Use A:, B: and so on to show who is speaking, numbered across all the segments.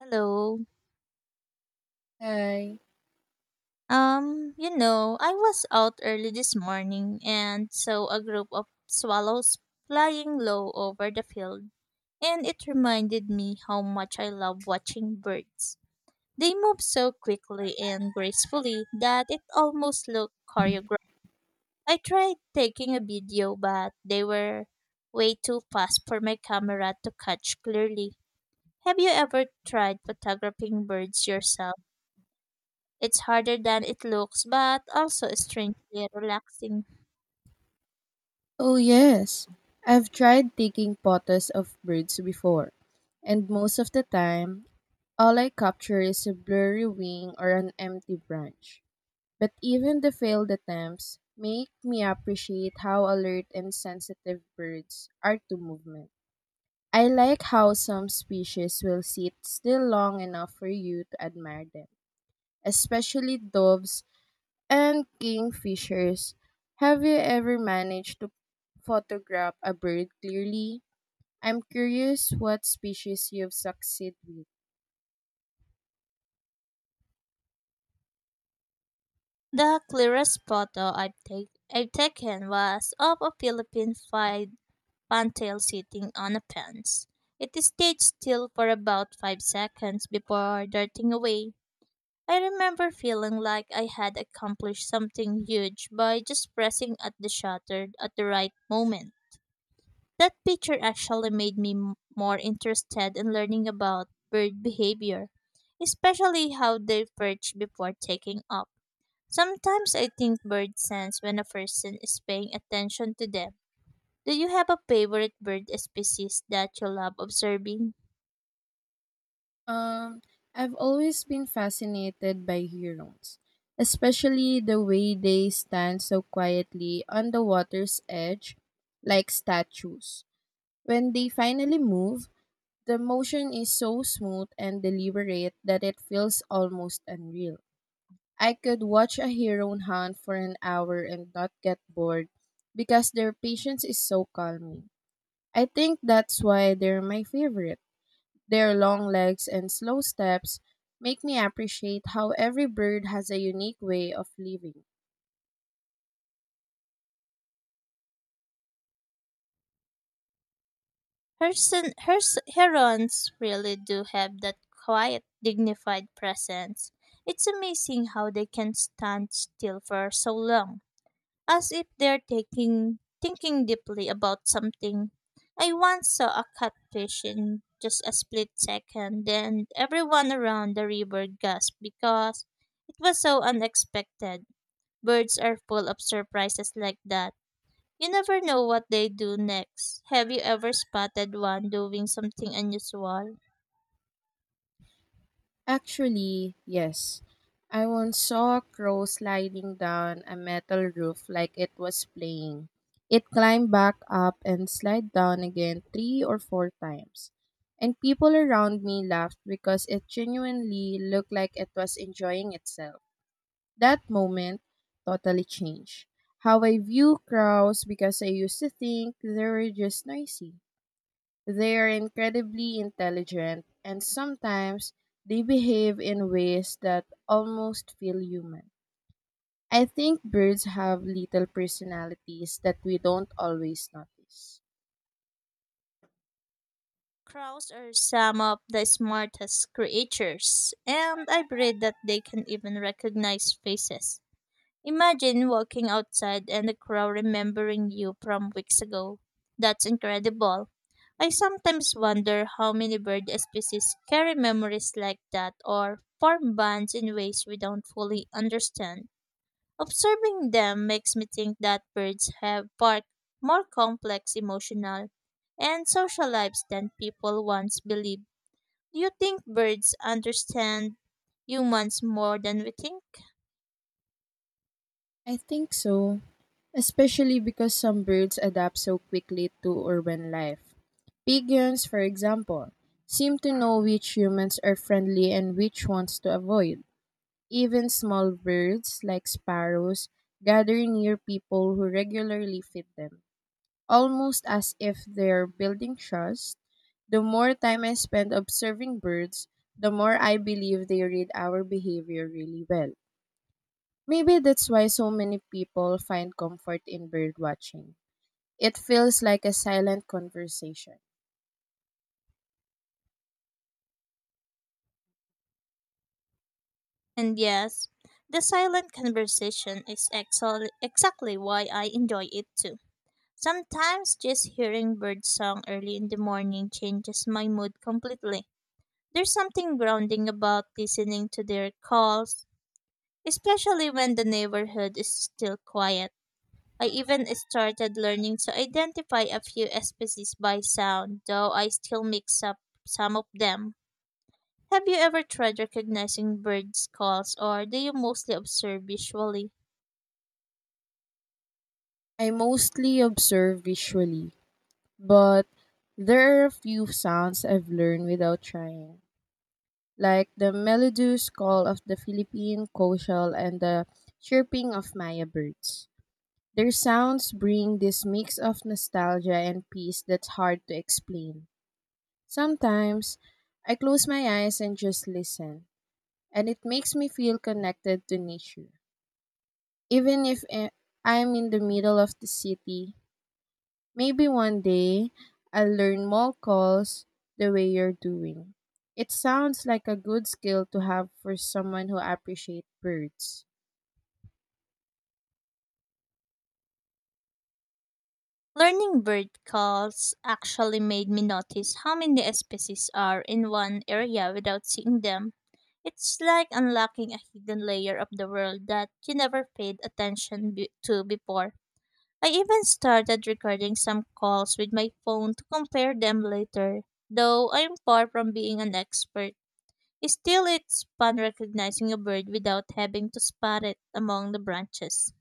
A: Hello.
B: Hi.
A: I was out early this morning and saw a group of swallows flying low over the field, and it reminded me how much I love watching birds. They move so quickly and gracefully that it almost looked choreographed. I tried taking a video, but they were way too fast for my camera to catch clearly. Have you ever tried photographing birds yourself? It's harder than it looks, but also strangely relaxing.
B: Oh, yes. I've tried taking photos of birds before, and most of the time, all I capture is a blurry wing or an empty branch. But even the failed attempts make me appreciate how alert and sensitive birds are to movement. I like how some species will sit still long enough for you to admire them, especially doves and kingfishers. Have you ever managed to photograph a bird clearly? I'm curious what species you've succeeded with.
A: The clearest photo I've taken was of a Philippine fried pantail sitting on a fence. It stayed still for about 5 seconds before darting away. I remember feeling like I had accomplished something huge by just pressing at the shutter at the right moment. That picture actually made me more interested in learning about bird behavior, especially how they perch before taking off. Sometimes I think birds sense when a person is paying attention to them. Do you have a favorite bird species that you love observing?
B: Um, I've always been fascinated by herons, especially the way they stand so quietly on the water's edge like statues. When they finally move, the motion is so smooth and deliberate that it feels almost unreal. I could watch a hero hunt for an hour and not get bored because their patience is so calming. I think that's why they're my favorite. Their long legs and slow steps make me appreciate how every bird has a unique way of living.
A: Herons really do have that quiet, dignified presence. It's amazing how they can stand still for so long, as if they're taking thinking deeply about something. I once saw a catfish in just a split second, and everyone around the river gasped because it was so unexpected. Birds are full of surprises like that. You never know what they do next. Have you ever spotted one doing something unusual?
B: Actually, yes. I once saw a crow sliding down a metal roof like it was playing. It climbed back up and slid down again three or four times. And people around me laughed because it genuinely looked like it was enjoying itself. That moment totally changed how I view crows because I used to think they were just noisy. They are incredibly intelligent, and sometimes they behave in ways that almost feel human. I think birds have little personalities that we don't always notice.
A: Crows are some of the smartest creatures, and I've read that they can even recognize faces. Imagine walking outside and the crowd remembering you from weeks ago. That's incredible. I sometimes wonder how many bird species carry memories like that or form bonds in ways we don't fully understand. Observing them makes me think that birds have far more complex emotional and social lives than people once believed. Do you think birds understand humans more than we think?
B: I think so, especially because some birds adapt so quickly to urban life. Pigeons, for example, seem to know which humans are friendly and which ones to avoid. Even small birds, like sparrows, gather near people who regularly feed them, almost as if they're building trust. The more time I spend observing birds, the more I believe they read our behavior really well. Maybe that's why so many people find comfort in bird watching. It feels like a silent conversation.
A: And yes, the silent conversation is exactly why I enjoy it too. Sometimes just hearing bird song early in the morning changes my mood completely. There's something grounding about listening to their calls, especially when the neighborhood is still quiet. I even started learning to identify a few species by sound, though I still mix up some of them. Have you ever tried recognizing birds' calls, or do you mostly observe visually?
B: I mostly observe visually, but there are a few sounds I've learned without trying, like the melodious call of the Philippine coastal and the chirping of Maya birds. Their sounds bring this mix of nostalgia and peace that's hard to explain. Sometimes, I close my eyes and just listen, and it makes me feel connected to nature. Even if I'm in the middle of the city, maybe one day I'll learn more calls the way you're doing. It sounds like a good skill to have for someone who appreciates birds.
A: Learning bird calls actually made me notice how many species are in one area without seeing them. It's like unlocking a hidden layer of the world that you never paid attention to before. I even started recording some calls with my phone to compare them later, though I'm far from being an expert. Still, it's fun recognizing a bird without having to spot it among the branches.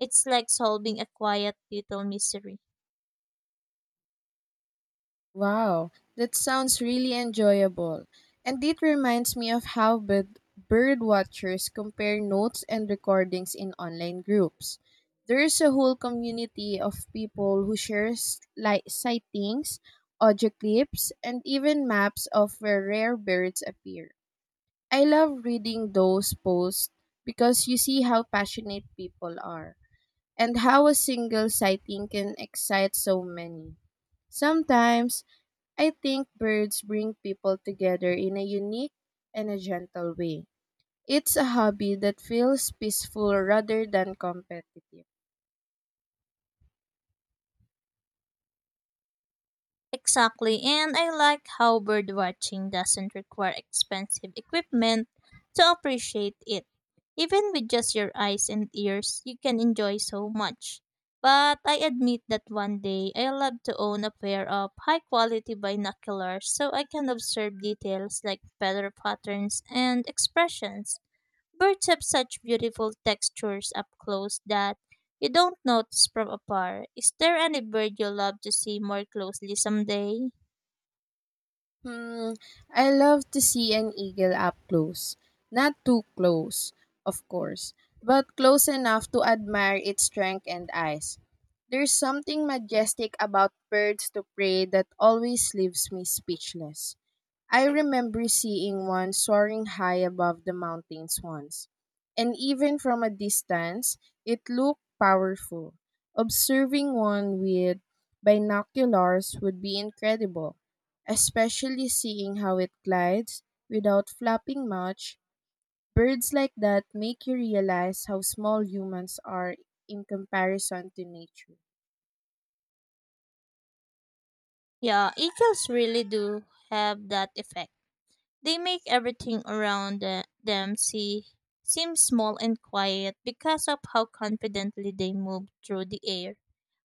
A: It's like solving a quiet little mystery.
B: Wow, that sounds really enjoyable. And it reminds me of how bird watchers compare notes and recordings in online groups. There is a whole community of people who shares like sightings, audio clips, and even maps of where rare birds appear. I love reading those posts because you see how passionate people are and how a single sighting can excite so many. Sometimes I think birds bring people together in a unique and a gentle way. It's a hobby that feels peaceful rather than competitive.
A: Exactly, and I like how bird watching doesn't require expensive equipment to appreciate it. Even with just your eyes and ears, you can enjoy so much. But I admit that one day I love to own a pair of high quality binoculars so I can observe details like feather patterns and expressions. Birds have such beautiful textures up close that you don't notice from afar. Is there any bird you love to see more closely someday?
B: Hmm, I love to see an eagle up close. Not too close, of course, but close enough to admire its strength and eyes. There's something majestic about birds to prey that always leaves me speechless. I remember seeing one soaring high above the mountains once, and even from a distance, it looked powerful. Observing one with binoculars would be incredible, especially seeing how it glides without flapping much. Birds like that make you realize how small humans are in comparison to nature.
A: Yeah, eagles really do have that effect. They make everything around them seem small and quiet because of how confidently they move through the air.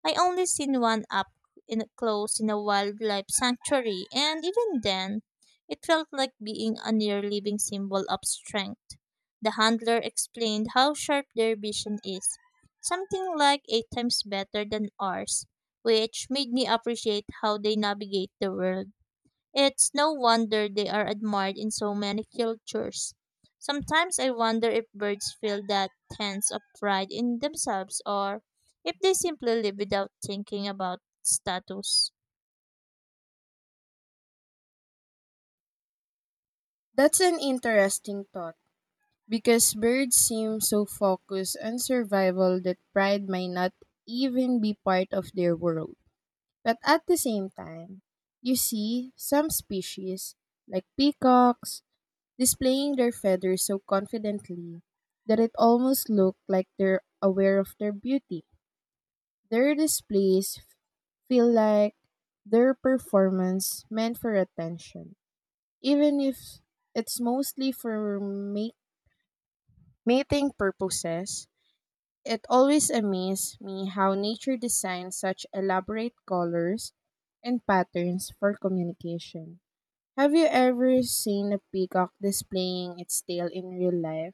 A: I only seen one up in close in a wildlife sanctuary, and even then, it felt like being a near living symbol of strength. The handler explained how sharp their vision is, something like eight times better than ours, which made me appreciate how they navigate the world. It's no wonder they are admired in so many cultures. Sometimes I wonder if birds feel that sense of pride in themselves, or if they simply live without thinking about status.
B: That's an interesting thought because birds seem so focused on survival that pride may not even be part of their world. But at the same time, you see some species like peacocks displaying their feathers so confidently that it almost looked like they're aware of their beauty. Their displays f- Feel like their performance meant for attention, even if it's mostly for mating purposes. It always amazed me how nature designs such elaborate colors and patterns for communication. Have you ever seen a peacock displaying its tail in real life?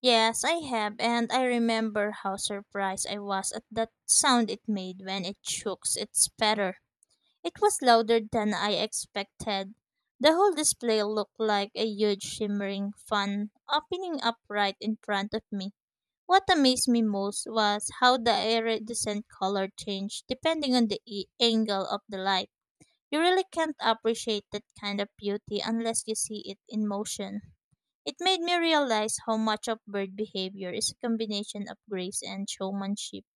A: Yes, I have, and I remember how surprised I was at that sound it made when it shook its feather. It was louder than I expected. The whole display looked like a huge shimmering fan opening up right in front of me. What amazed me most was how the iridescent color changed depending on the angle of the light. You really can't appreciate that kind of beauty unless you see it in motion. It made me realize how much of bird behavior is a combination of grace and showmanship.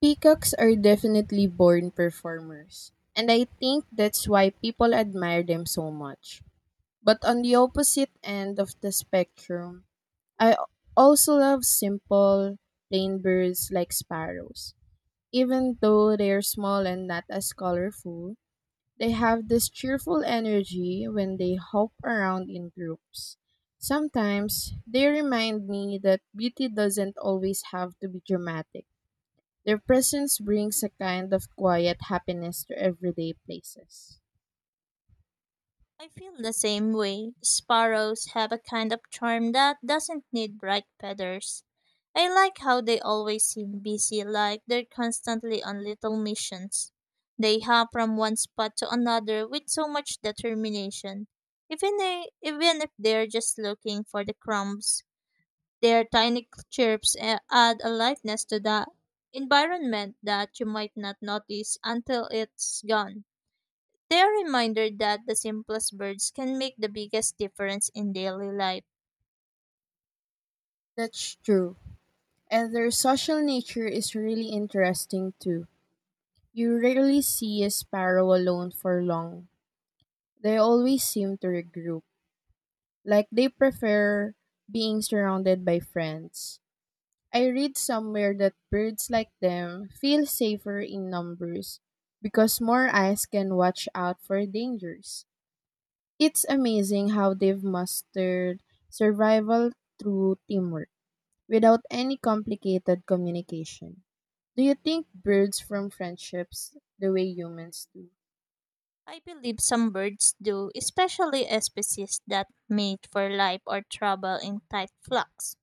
B: Peacocks are definitely born performers, and I think that's why people admire them so much. But on the opposite end of the spectrum, I also love simple, plain birds like sparrows. Even though they are small and not as colorful, they have this cheerful energy when they hop around in groups. Sometimes they remind me that beauty doesn't always have to be dramatic. Their presence brings a kind of quiet happiness to everyday places.
A: I feel the same way. Sparrows have a kind of charm that doesn't need bright feathers. I like how they always seem busy, like they're constantly on little missions. They hop from one spot to another with so much determination. Even if they're just looking for the crumbs, their tiny add a lightness to the environment that you might not notice until it's gone. They are a reminder that the simplest birds can make the biggest difference in daily life.
B: That's true. And their social nature is really interesting too. You rarely see a sparrow alone for long. They always seem to regroup, like they prefer being surrounded by friends. I read somewhere that birds like them feel safer in numbers because more eyes can watch out for dangers. It's amazing how they've mastered survival through teamwork without any complicated communication. Do you think birds form friendships the way humans do?
A: I believe some birds do, especially species that mate for life or travel in tight flocks.